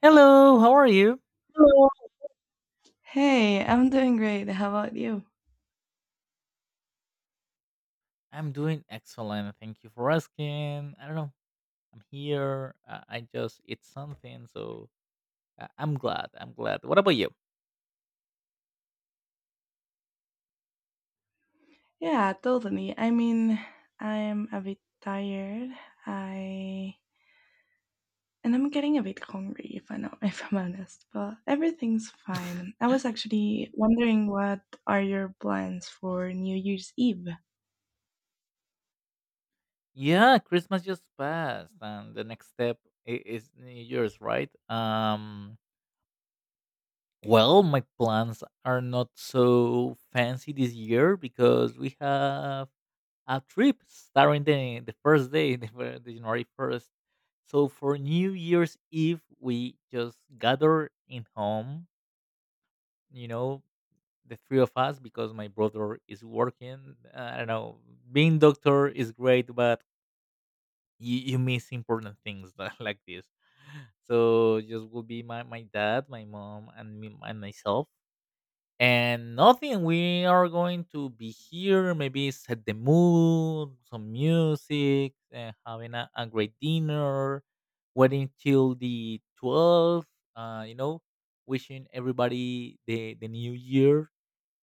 Hello, how are you? Hello. Hey, I'm doing great. How about you? I'm doing excellent. Thank you for asking. I don't know. I'm here. I just ate something, so I'm glad. I'm glad. What about you? Yeah, totally. I mean, I'm a bit tired. I and I'm getting a bit hungry if I know if I'm honest, but everything's fine. I was actually wondering what are your plans for New Year's Eve? Yeah, Christmas just passed, and the next step is New Year's, right? Well, my plans are not so fancy this year because we have a trip starting the first day, the January 1st. So for New Year's Eve, we just gather in home, you know, the three of us, because my brother is working. I don't know, being doctor is great, but you miss important things like this. So just will be my dad, my mom, and me and myself and nothing we are going to be here maybe set the mood some music and having a great dinner waiting till the 12th uh, you know wishing everybody the new year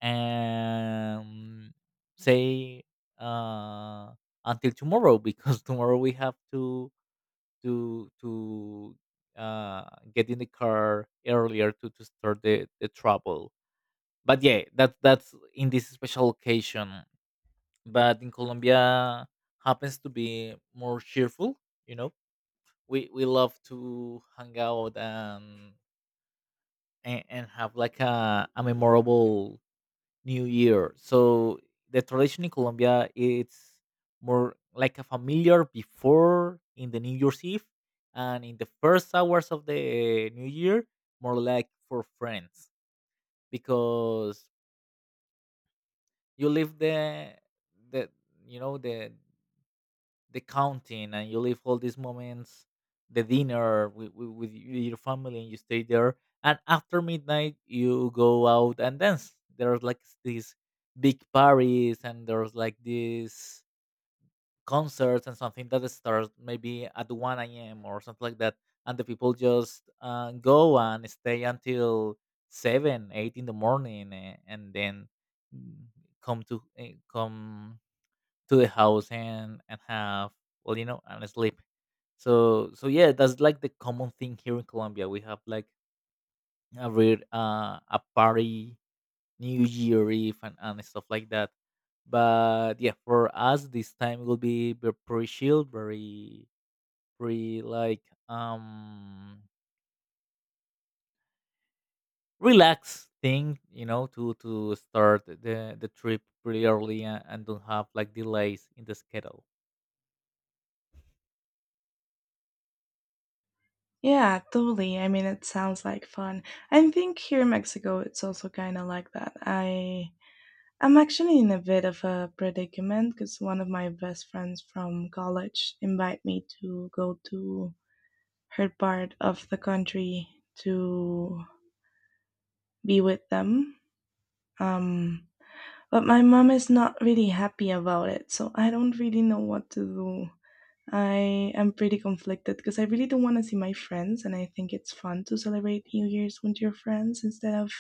and say uh, until tomorrow because tomorrow we have to to to uh, get in the car earlier to start the trouble but yeah, that's in this special occasion. But in Colombia happens to be more cheerful, you know. We love to hang out and and have like a memorable new year. So the tradition in Colombia it's more like a familiar before in the New Year's Eve, and in the first hours of the new year, more like for friends because you leave the you know the the counting and you leave all these moments, the dinner with your family, and you stay there, and after midnight you go out and dance. There's like these big parties and there's like this concerts and something that starts maybe at 1 a.m. or something like that, and the people just go and stay until 7, 8 in the morning, and then mm, come to the house and have, well, and sleep. So yeah, that's like the common thing here in Colombia. We have like a real a party New Year Eve and stuff like that. But yeah, for us this time will be pretty chill, very pretty like relaxed thing, to start the trip pretty early and don't have like delays in the schedule. Yeah, totally. I mean, it sounds like fun. I think here in Mexico it's also kind of like that. I'm actually in a bit of a predicament because one of my best friends from college invited me to go to her part of the country to be with them. Um, but my mom is not really happy about it, so I don't really know what to do. I am pretty conflicted because I really don't want to see my friends, and I think it's fun to celebrate New Year's with your friends instead of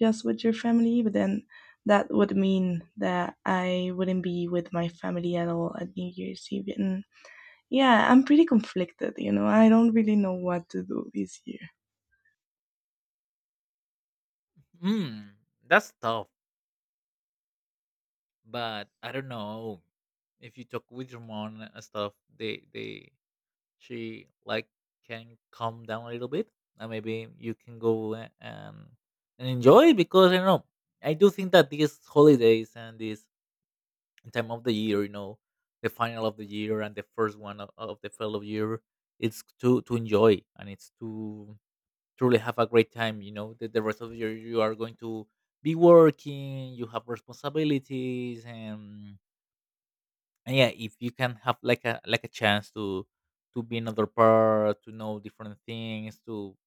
just with your family, but then that would mean that I wouldn't be with my family at all at New Year's Eve. And yeah, I'm pretty conflicted, you know. I don't really know what to do this year. Hmm, that's tough. But I don't know, if you talk with your mom and stuff, they she like can calm down a little bit, and maybe you can go and enjoy it, because I don't know. I do think that these holidays and this time of the year, the final of the year and the first one of the fellow year, it's to enjoy and it's to truly have a great time. The rest of the year you are going to be working, you have responsibilities, and yeah, if you can have like a chance to be another part, to know different things, to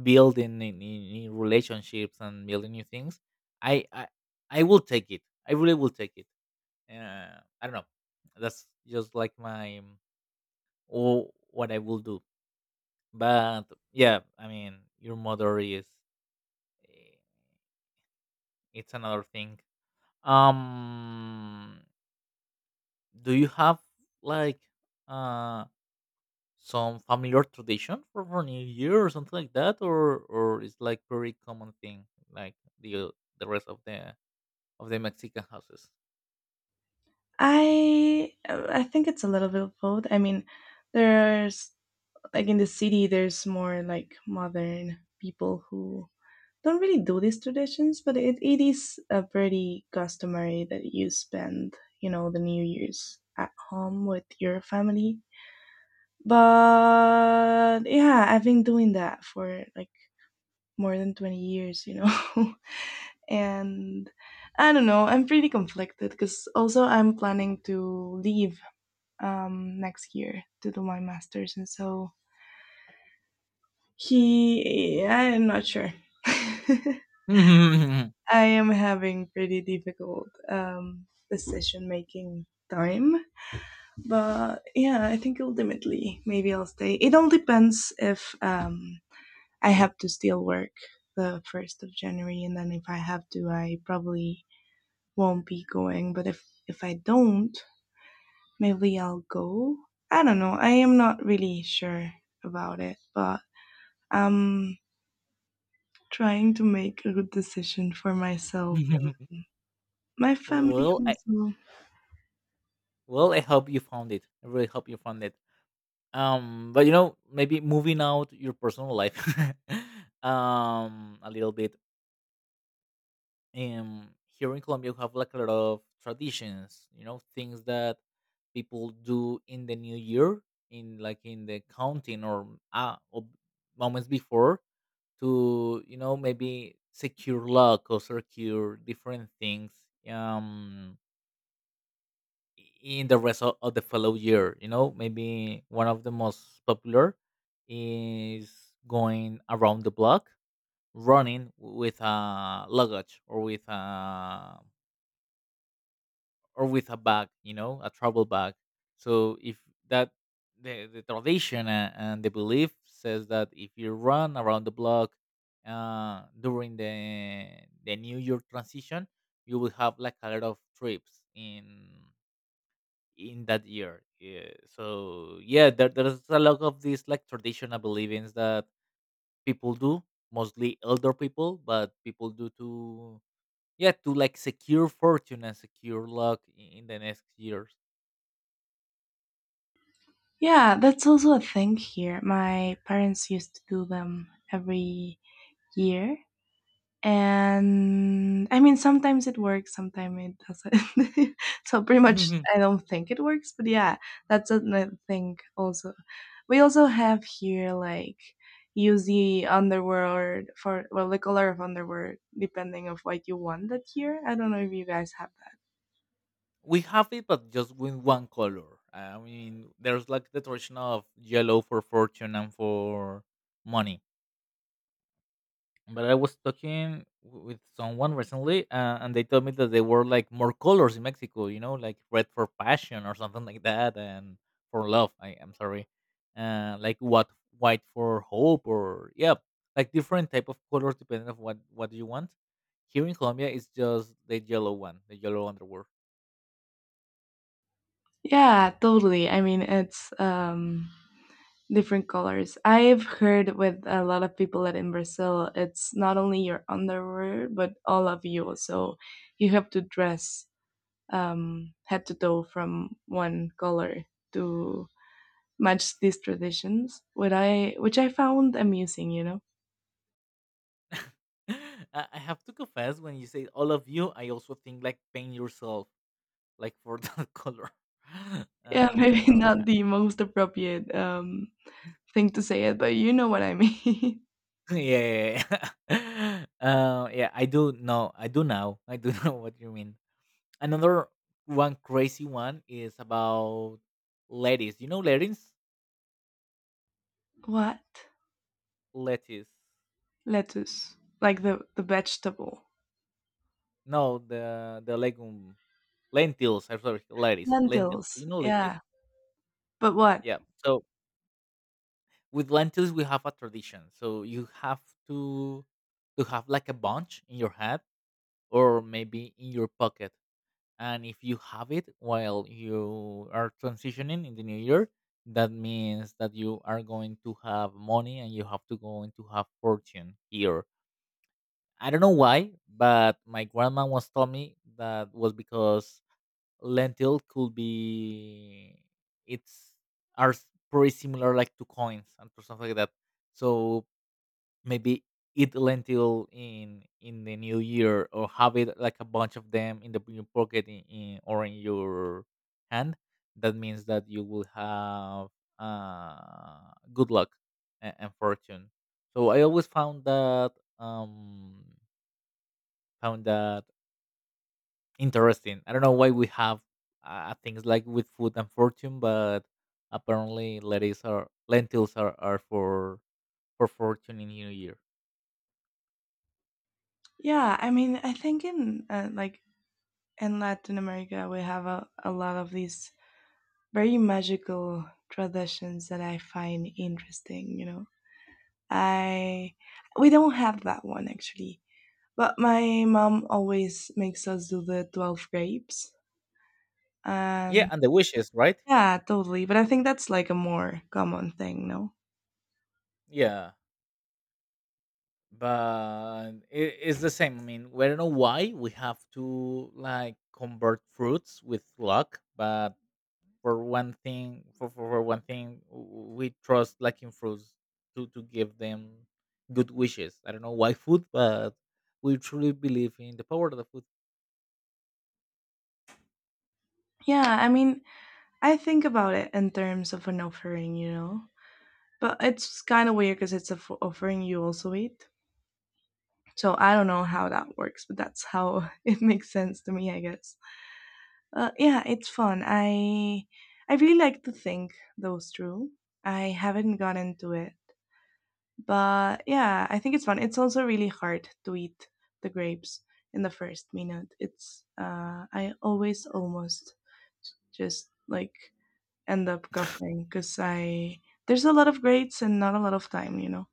build in relationships and building new things, I I I will take it. I really will take it. I don't know. That's just like my or what I will do. But yeah, I mean, your mother eh, it's another thing. Um, do you have like? uh? some familiar tradition for New Year or something like that, or it's like very common thing, like the the rest of the Mexican houses. I think it's a little bit of both. I mean, there's like in the city there's more like modern people who don't really do these traditions, but it is a pretty customary that you spend, you know, the New Year's at home with your family. But yeah, I've been doing that for like more than 20 years, you know. And I don't know, I'm pretty conflicted because also I'm planning to leave next year to do my masters and so he I'm not sure. I well, am having pretty difficult decision making time, but yeah, I think ultimately maybe I'll stay. It all depends if I have to still work the 1st of January, and then if I have to, I probably won't be going. But if I don't, maybe I'll go. I don't know. I am not really sure about it, but I'm trying to make a good decision for myself. My family I also. well, I hope you found it. I really hope you found it. But maybe moving out your personal life, a little bit. Here in Colombia, we have like a lot of traditions. Things that people do in the new year, in like in the counting, or moments before to maybe secure luck or secure different things, um in the rest of the fellow year. Maybe one of the most popular is going around the block running with a luggage or with a bag, a travel bag. So if that the tradition and the belief says that if you run around the block during the New Year transition, you will have like a lot of trips in that year. Yeah. So yeah, there's a lot of these like traditional beliefs that people do, mostly elder people, but people do to yeah to like secure fortune and secure luck in the next years. Yeah, that's also a thing here. My parents used to do them every year. And I mean, sometimes it works, sometimes it doesn't. So pretty much, Mhm. I don't think it works. But yeah, that's another thing. Also, we also have here like use the underworld for well the color of underworld depending of what you want that year. I don't know if you guys have that. We have it, but just with one color. I mean, there's like the tradition of yellow for fortune and for money. But I was talking with someone recently, and they told me that there were like more colors in Mexico. Like red for passion or something like that, and for love. I am sorry, like what white for hope, or yeah, like different type of colors depending on what you want. Here in Colombia, it's just the yellow one, the yellow underwear. Yeah, totally. I mean, it's different colors. I've heard with a lot of people that in Brazil, it's not only your underwear, but all of you. So you have to dress head to toe from one color to match these traditions, which I found amusing, you know? I have to confess, when you say all of you, I also think like paint yourself, like for the color. Yeah, I maybe don't know. not the most appropriate thing to say it, but you know what I mean. Yeah, yeah, yeah. Yeah. I do know. I do now. I do know what you mean. Another one crazy one is about lettuce. You know lettuce, What? lettuce. Lettuce. Like the vegetable. No, the legume, lentils. I'm sorry, lettuce, lentils. Do you Lentils. know Yeah. lentils? But what? Yeah. So with lentils we have a tradition, so you have to to have like a bunch in your head, or maybe in your pocket, and if you have it while you are transitioning in the new year, that means that you are going to have money, and you have to going to have fortune here. I don't know why, but my grandma once told me that was because lentil could be it's are s- pretty similar like to coins and to something like that. So maybe eat lentil in the new year, or have it like a bunch of them in your pocket, or in your hand. That means that you will have good luck and fortune. So I always found that um found that interesting. I don't know why we have things like with food and fortune, but apparently lentils are for fortune in new year. Yeah, I mean, I think in like in Latin America we have a lot of these very magical traditions that I find interesting, you know. I we don't have that one actually. But my mom always makes us do the 12 grapes. Yeah, And and the wishes, right? yeah, totally. But I think that's like a more common thing, no? Yeah, but it's the same. I mean, we don't know why we have to like convert fruits with luck, but for one thing, we trust like in fruits to give them good wishes. I don't know why food, but we truly believe in the power of the food. Yeah, I mean, I think about it in terms of an offering, you know. But it's kind of weird because it's a offering you also eat. So I don't know how that works, but that's how it makes sense to me, I guess. Yeah, it's fun. I really like to think those through. I haven't got into it, but yeah, I think it's fun. It's also really hard to eat the grapes in the first minute. It's I always almost just like end up coughing because I there's a lot of grades and not a lot of time, you know.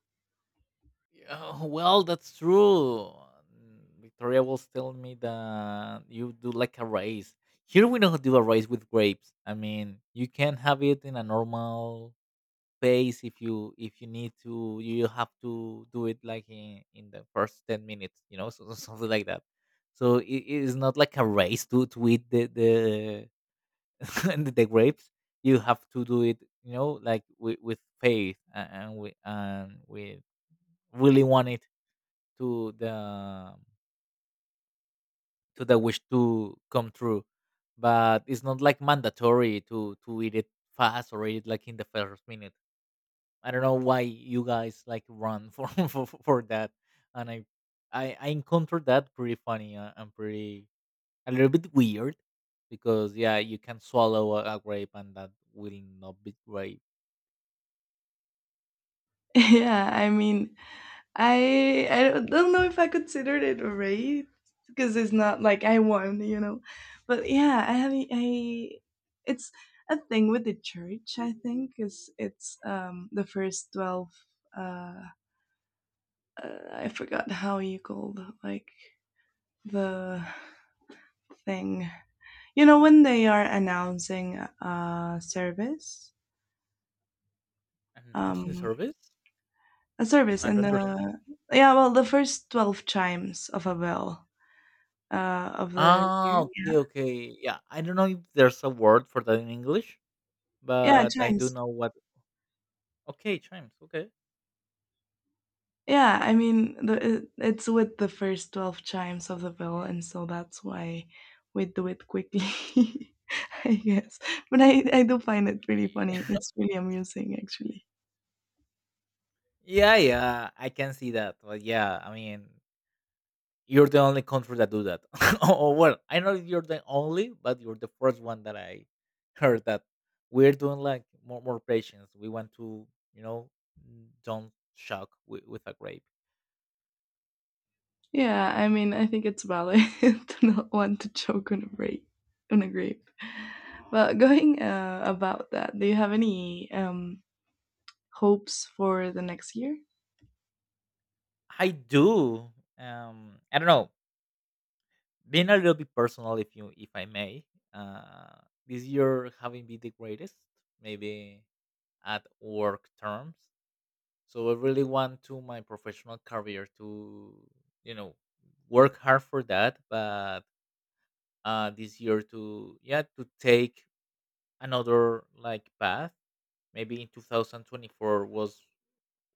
Yeah, well, that's true. Victoria was telling me that you do like a race. Here we don't do a race with grapes. I mean, you can have it in a normal pace, if you need to. You have to do it like in the first 10 minutes, so, something like that. So it is not like a race to eat the and the grapes. You have to do it, like with faith, and with really want it to the to the wish to come true, but it's not like mandatory to eat it fast or eat it like in the first minute. I don't know why you guys like run for for that, and I encountered that pretty funny, and pretty a little bit weird, because yeah, you can swallow a grape and that will not be great. Yeah, I mean, I don't know if I considered it a raid because it's not like I won, you know. But yeah, I have I it's a thing with the church. I think is it's the first 12. Uh, I forgot how you called like the thing. You know when they are announcing Announcing um, service? a service I don't in understand. the yeah well the first 12 chimes of a bell of the Okay, year. okay, yeah, I don't know if there's a word for that in English, Yeah, yeah, but I do chimes. know what. Okay, chimes. Okay. Yeah, I mean, it's with the first 12 chimes of the bell, and so that's why we do it quickly, I guess. But I do find it pretty funny. It's really amusing, actually. Yeah, yeah, I can see that. But yeah, I mean, you're the only country that do that. Oh, well, I know you're the only, but you're the first one that I heard that, we're doing like more patience. We want to, you know, don't shock with a grape. Yeah, I mean, I think it's valid to not want to choke on a grape. On a grape. But going about that, do you have any hopes for the next year? I do. I don't know. Being a little bit personal, if I may, uh, this year having been the greatest, maybe at work terms. So I really want to my professional career to, you know, work hard for that, but this year to yeah, to take another like path. Maybe in 2024 was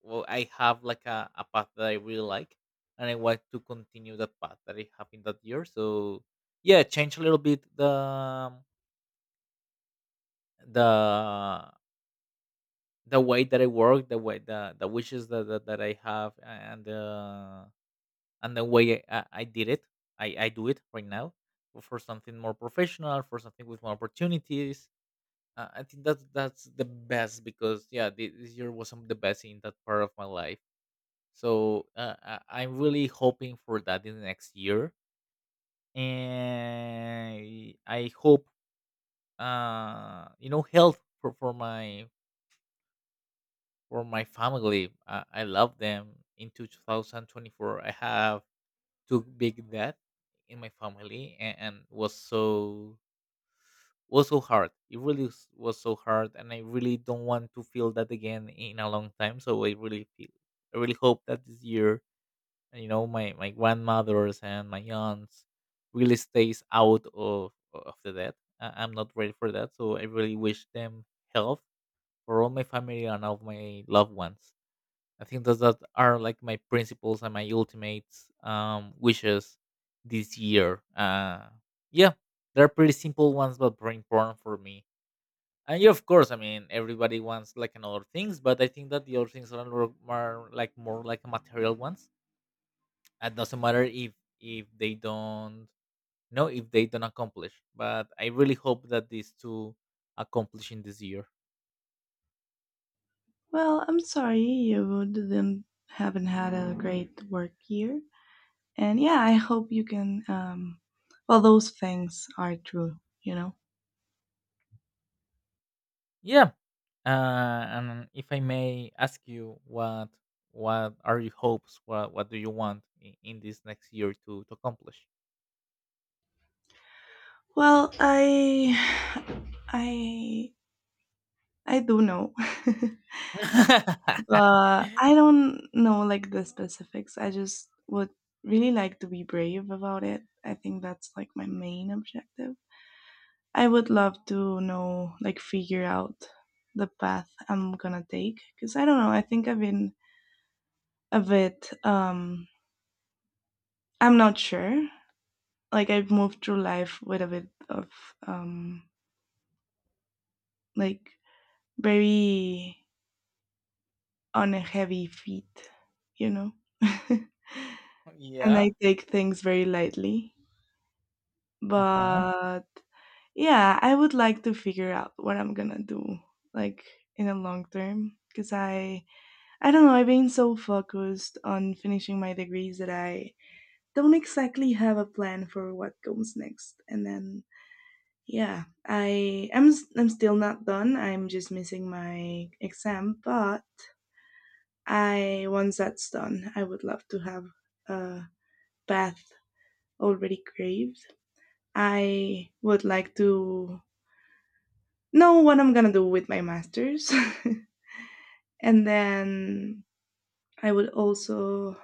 well I have like a path that I really like, and I want to continue that path that I have in that year. Change a little bit the the way that I work, the way the wishes that I have and the way I did it, I do it right now for something more professional, for something with more opportunities. I think that's the best because yeah, this year was some of the best in that part of my life. So I'm really hoping for that in the next year, and I hope health for my family. I love them. Into 2024, I have too big that in my family and was so hard it really was so hard, and I really don't want to feel that again in a long time, so I really hope that this year, my my grandmothers and my aunts really stays out of the death. I'm not ready for that, so I really wish them health for all my family and all my loved ones. I think those that are like my principles and my ultimate wishes this year. Yeah, they're pretty simple ones, but very important for me. And yeah, of course, I mean everybody wants like another things, but I think that the other things are more like material ones. It doesn't matter if they don't know if they don't accomplish. But I really hope that these two accomplish in this year. Well, I'm sorry you didn't haven't had a great work year, and yeah, I hope you can. Well, those things are true, you know. Yeah. And if I may ask you, what are your hopes? What do you want in this next year to accomplish? Well, I, I do know, but I don't know like the specifics. I just would really like to be brave about it. I think that's like my main objective. I would love to know, like, figure out the path I'm gonna take because I don't know. I think I've been a bit. I'm not sure. Like, I've moved through life with a bit of um, like very on a heavy feet, you know. And yeah. I take things very lightly. Uh-huh. But yeah, I would like to figure out what I'm gonna do, like in the long term, because I don't know, I've been so focused on finishing my degrees that I don't exactly have a plan for what comes next. And then, yeah, I'm still not done. I'm just missing my exam, but I once that's done, I would love to have a path already craved. I would like to know what I'm gonna do with my masters. And then I would also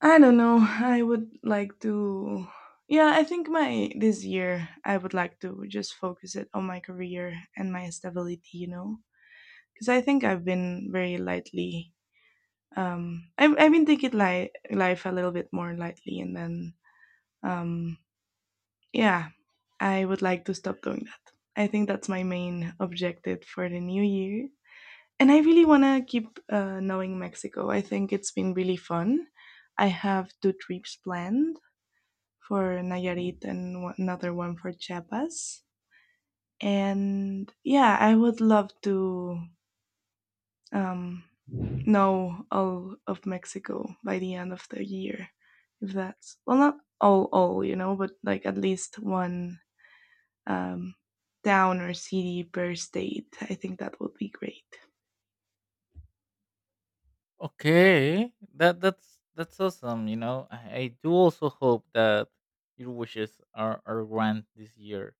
I don't know. I would like to. Yeah, I think my this year I would like to just focus it on my career and my stability. You know, because I think I've been very lightly. I've been taking life a little bit more lightly, and then um, yeah, I would like to stop doing that. I think that's my main objective for the new year, and I really wanna keep knowing Mexico. I think it's been really fun. I have two trips planned for Nayarit and another one for Chiapas. And yeah, I would love to know all of Mexico by the end of the year. If that's, well, not all, you know, but like at least one um, town or city per state. I think that would be great. Okay. That's awesome. You know, I do also hope that your wishes are granted this year.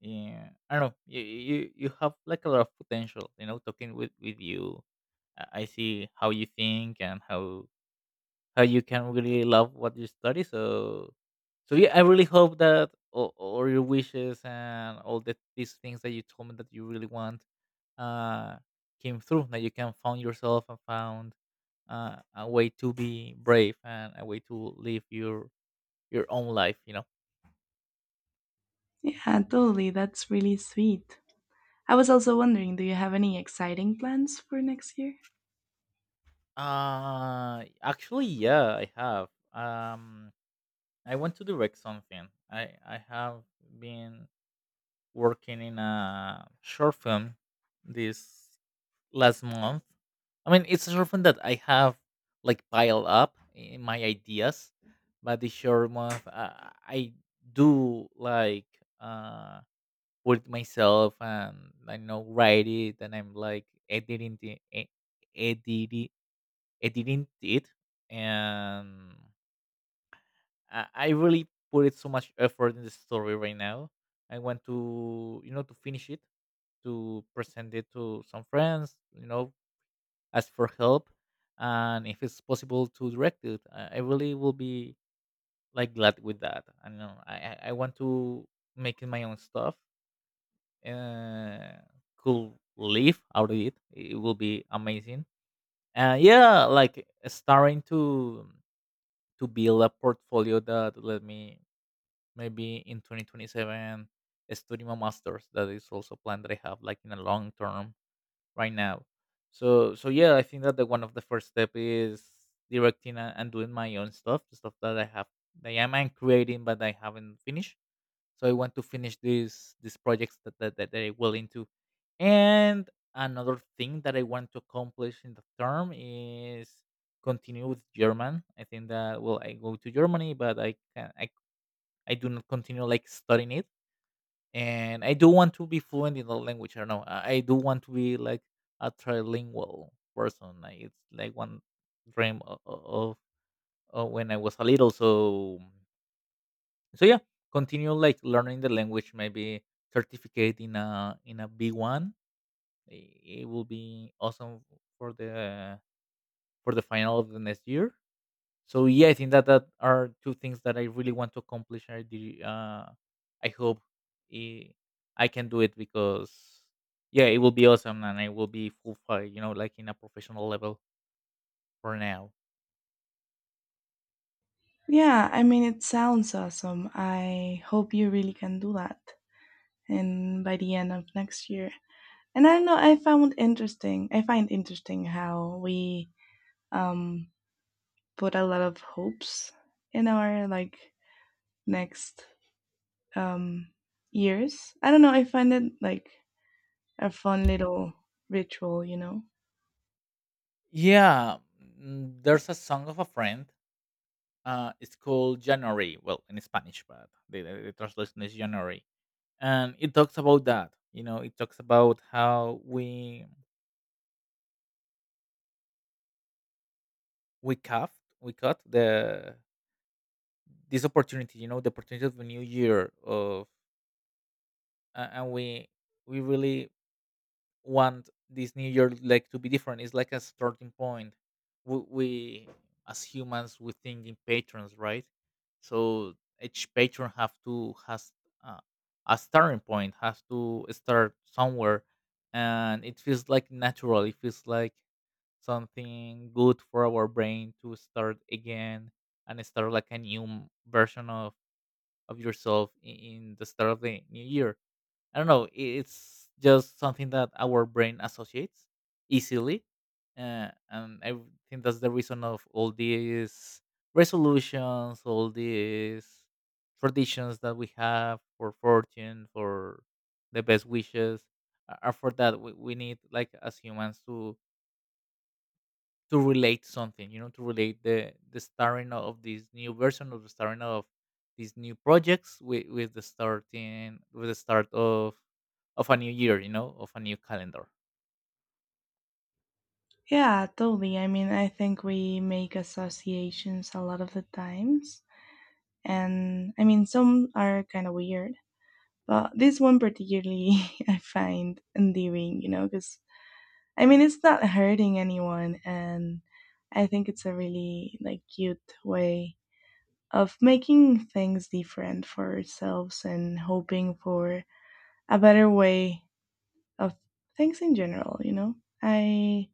Yeah. I don't know. You have like a lot of potential. You know, talking with you, I see how you think and how you can really love what you study. So, so yeah, I really hope that all your wishes and all these things that you told me that you really want uh, came through. That you can found yourself and found a way to be brave and a way to live your own life. You know. Yeah, totally. That's really sweet. I was also wondering, do you have any exciting plans for next year? Actually, yeah, I have. I want to direct something. I have been working in a short film this last month. I mean, it's often that I have like pile up in my ideas, but the short month I do like uh put myself and I know write it, and I'm like editing the e- editing editing it, and I really put it so much effort in the story right now. I want to, you know, to finish it, to present it to some friends, you know, ask for help, and if it's possible to direct it, I really will be like glad with that. I know I want to make my own stuff. Uh, could live out of it. It will be amazing. Yeah, like starting to build a portfolio that let me maybe in 2027 study my masters. That is also plan that I have like in a long term right now. So so yeah, I think that the one of the first step is directing and doing my own stuff, the stuff that I have that I am creating but I haven't finished. So I want to finish these projects that I will into. And another thing that I want to accomplish in the term is continue with German. I think that well I go to Germany but I can I do not continue like studying it, and I do want to be fluent in the language. I don't know. I do want to be like a trilingual person. Like, it's like one dream of when I was a little. So so yeah, continue like learning the language. Maybe certificate in a B one. It will be awesome for the for the final of the next year, so yeah, I think that that are two things that I really want to accomplish. I hope eh, I can do it because yeah, it will be awesome, and I will be full fight, you know, like in a professional level for now. Yeah, I mean, it sounds awesome. I hope you really can do that. And by the end of next year. And I don't know, I find interesting how we um, put a lot of hopes in our like next um, years. I don't know, I find it like a fun little ritual, you know? Yeah. There's a song of a friend, it's called January, well in Spanish, but the translation is January, and it talks about that, you know, it talks about how we cut we cut the this opportunity, you know, the opportunity of a new year of and we really want this new year like to be different. It's like a starting point. We as humans we think in patrons, right? So each patron have to has uh, a starting point, has to start somewhere, and it feels like natural, it feels like something good for our brain to start again and start like a new version of yourself in the start of the new year. I don't know. It's just something that our brain associates easily, and I think that's the reason of all these resolutions, all these traditions that we have for fortune, for the best wishes, are for that. We need like as humans to relate something, you know, to relate the starting of this new version of the starting of these new projects with the starting with the start of a new year, you know, of a new calendar. Yeah, totally. I mean, I think we make associations a lot of the times. And I mean, some are kind of weird. But this one particularly I find endearing, you know, because I mean it's not hurting anyone, and I think it's a really like cute way of making things different for ourselves and hoping for a better way of things in general, you know. I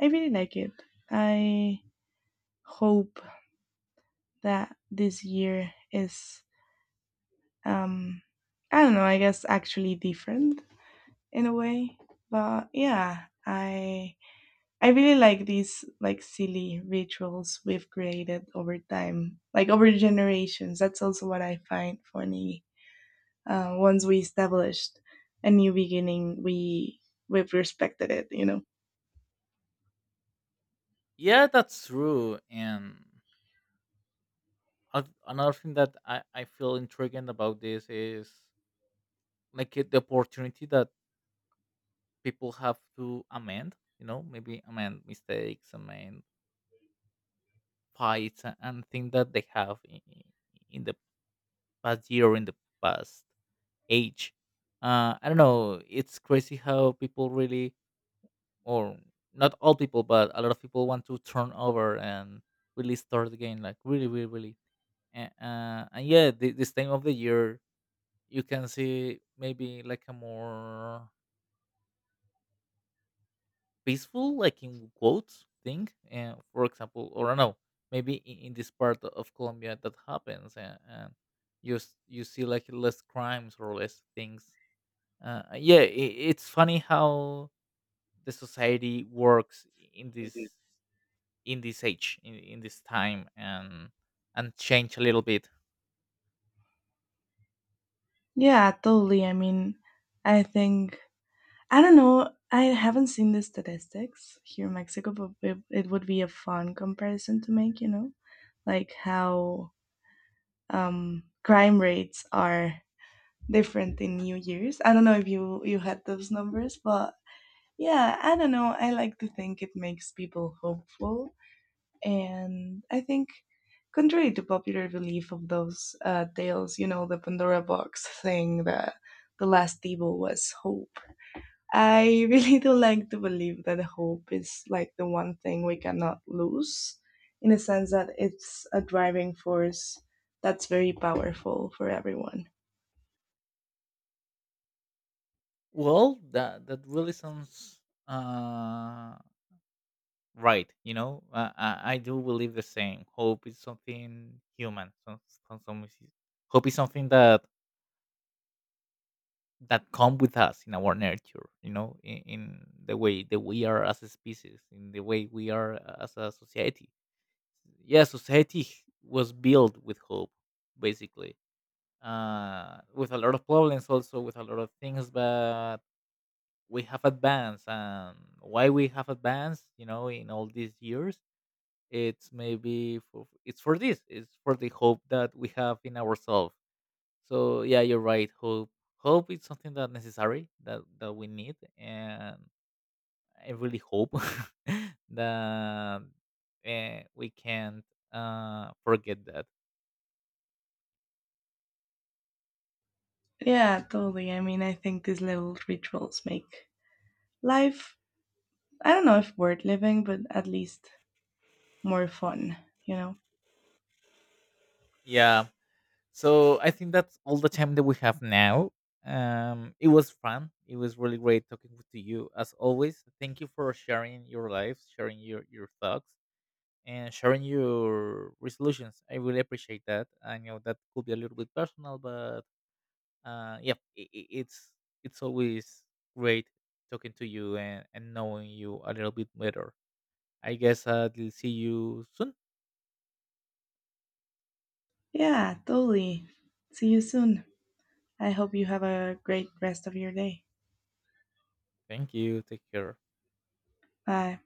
I really like it. I hope that this year is um I don't know, I guess actually different in a way. But yeah, I really like these like silly rituals we've created over time, like over generations. That's also what I find funny. Once we established a new beginning, we've respected it, you know. Yeah, that's true. And another thing that I feel intriguing about this is like the opportunity that people have to amend, you know, maybe amend mistakes, amend fights and things that they have in the past year, in the past age. I don't know. It's crazy how people really, or not all people, but a lot of people want to turn over and really start the game, like really, really, really. And yeah, this time of the year, you can see maybe like a more peaceful, like in quotes, thing. And for example, or I don't know, maybe in this part of Colombia that happens, and you you see like less crimes or less things. Yeah, I it's funny how the society works in this in this age in this time and change a little bit. Yeah, totally. I mean, I think I don't know, I haven't seen the statistics here in Mexico, but it would be a fun comparison to make, you know. Like how crime rates are different in New Year's. I don't know if you you had those numbers, but yeah, I don't know. I like to think it makes people hopeful, and I think. Contrary to popular belief of those tales, you know, the Pandora box saying that the last evil was hope, I really do like to believe that hope is like the one thing we cannot lose, in the sense that it's a driving force that's very powerful for everyone. Well, that that really sounds uh right, you know. I do believe the same. Hope is something human, some, some- hope is something that that come with us in our nature, you know, in the way that we are as a species, in the way we are as a society. Yeah, society was built with hope basically, with a lot of problems also, with a lot of things, but we have advanced, and why we have advanced, you know, in all these years, it's maybe for it's for this, it's for the hope that we have in ourselves. So yeah, you're right. Hope is something that necessary, that we need, and I really hope that we can't forget that. Yeah, totally. I mean, I think these little rituals make life, I don't know if worth living, but at least more fun, you know? Yeah. So I think that's all the time that we have now. It was fun. It was really great talking to you as always. Thank you for sharing your life, sharing your thoughts, and sharing your resolutions. I really appreciate that. I know that could be a little bit personal, but yeah, it's always great talking to you and knowing you a little bit better. I guess I'll see you soon. Yeah, totally. See you soon. I hope you have a great rest of your day. Thank you. Take care. Bye.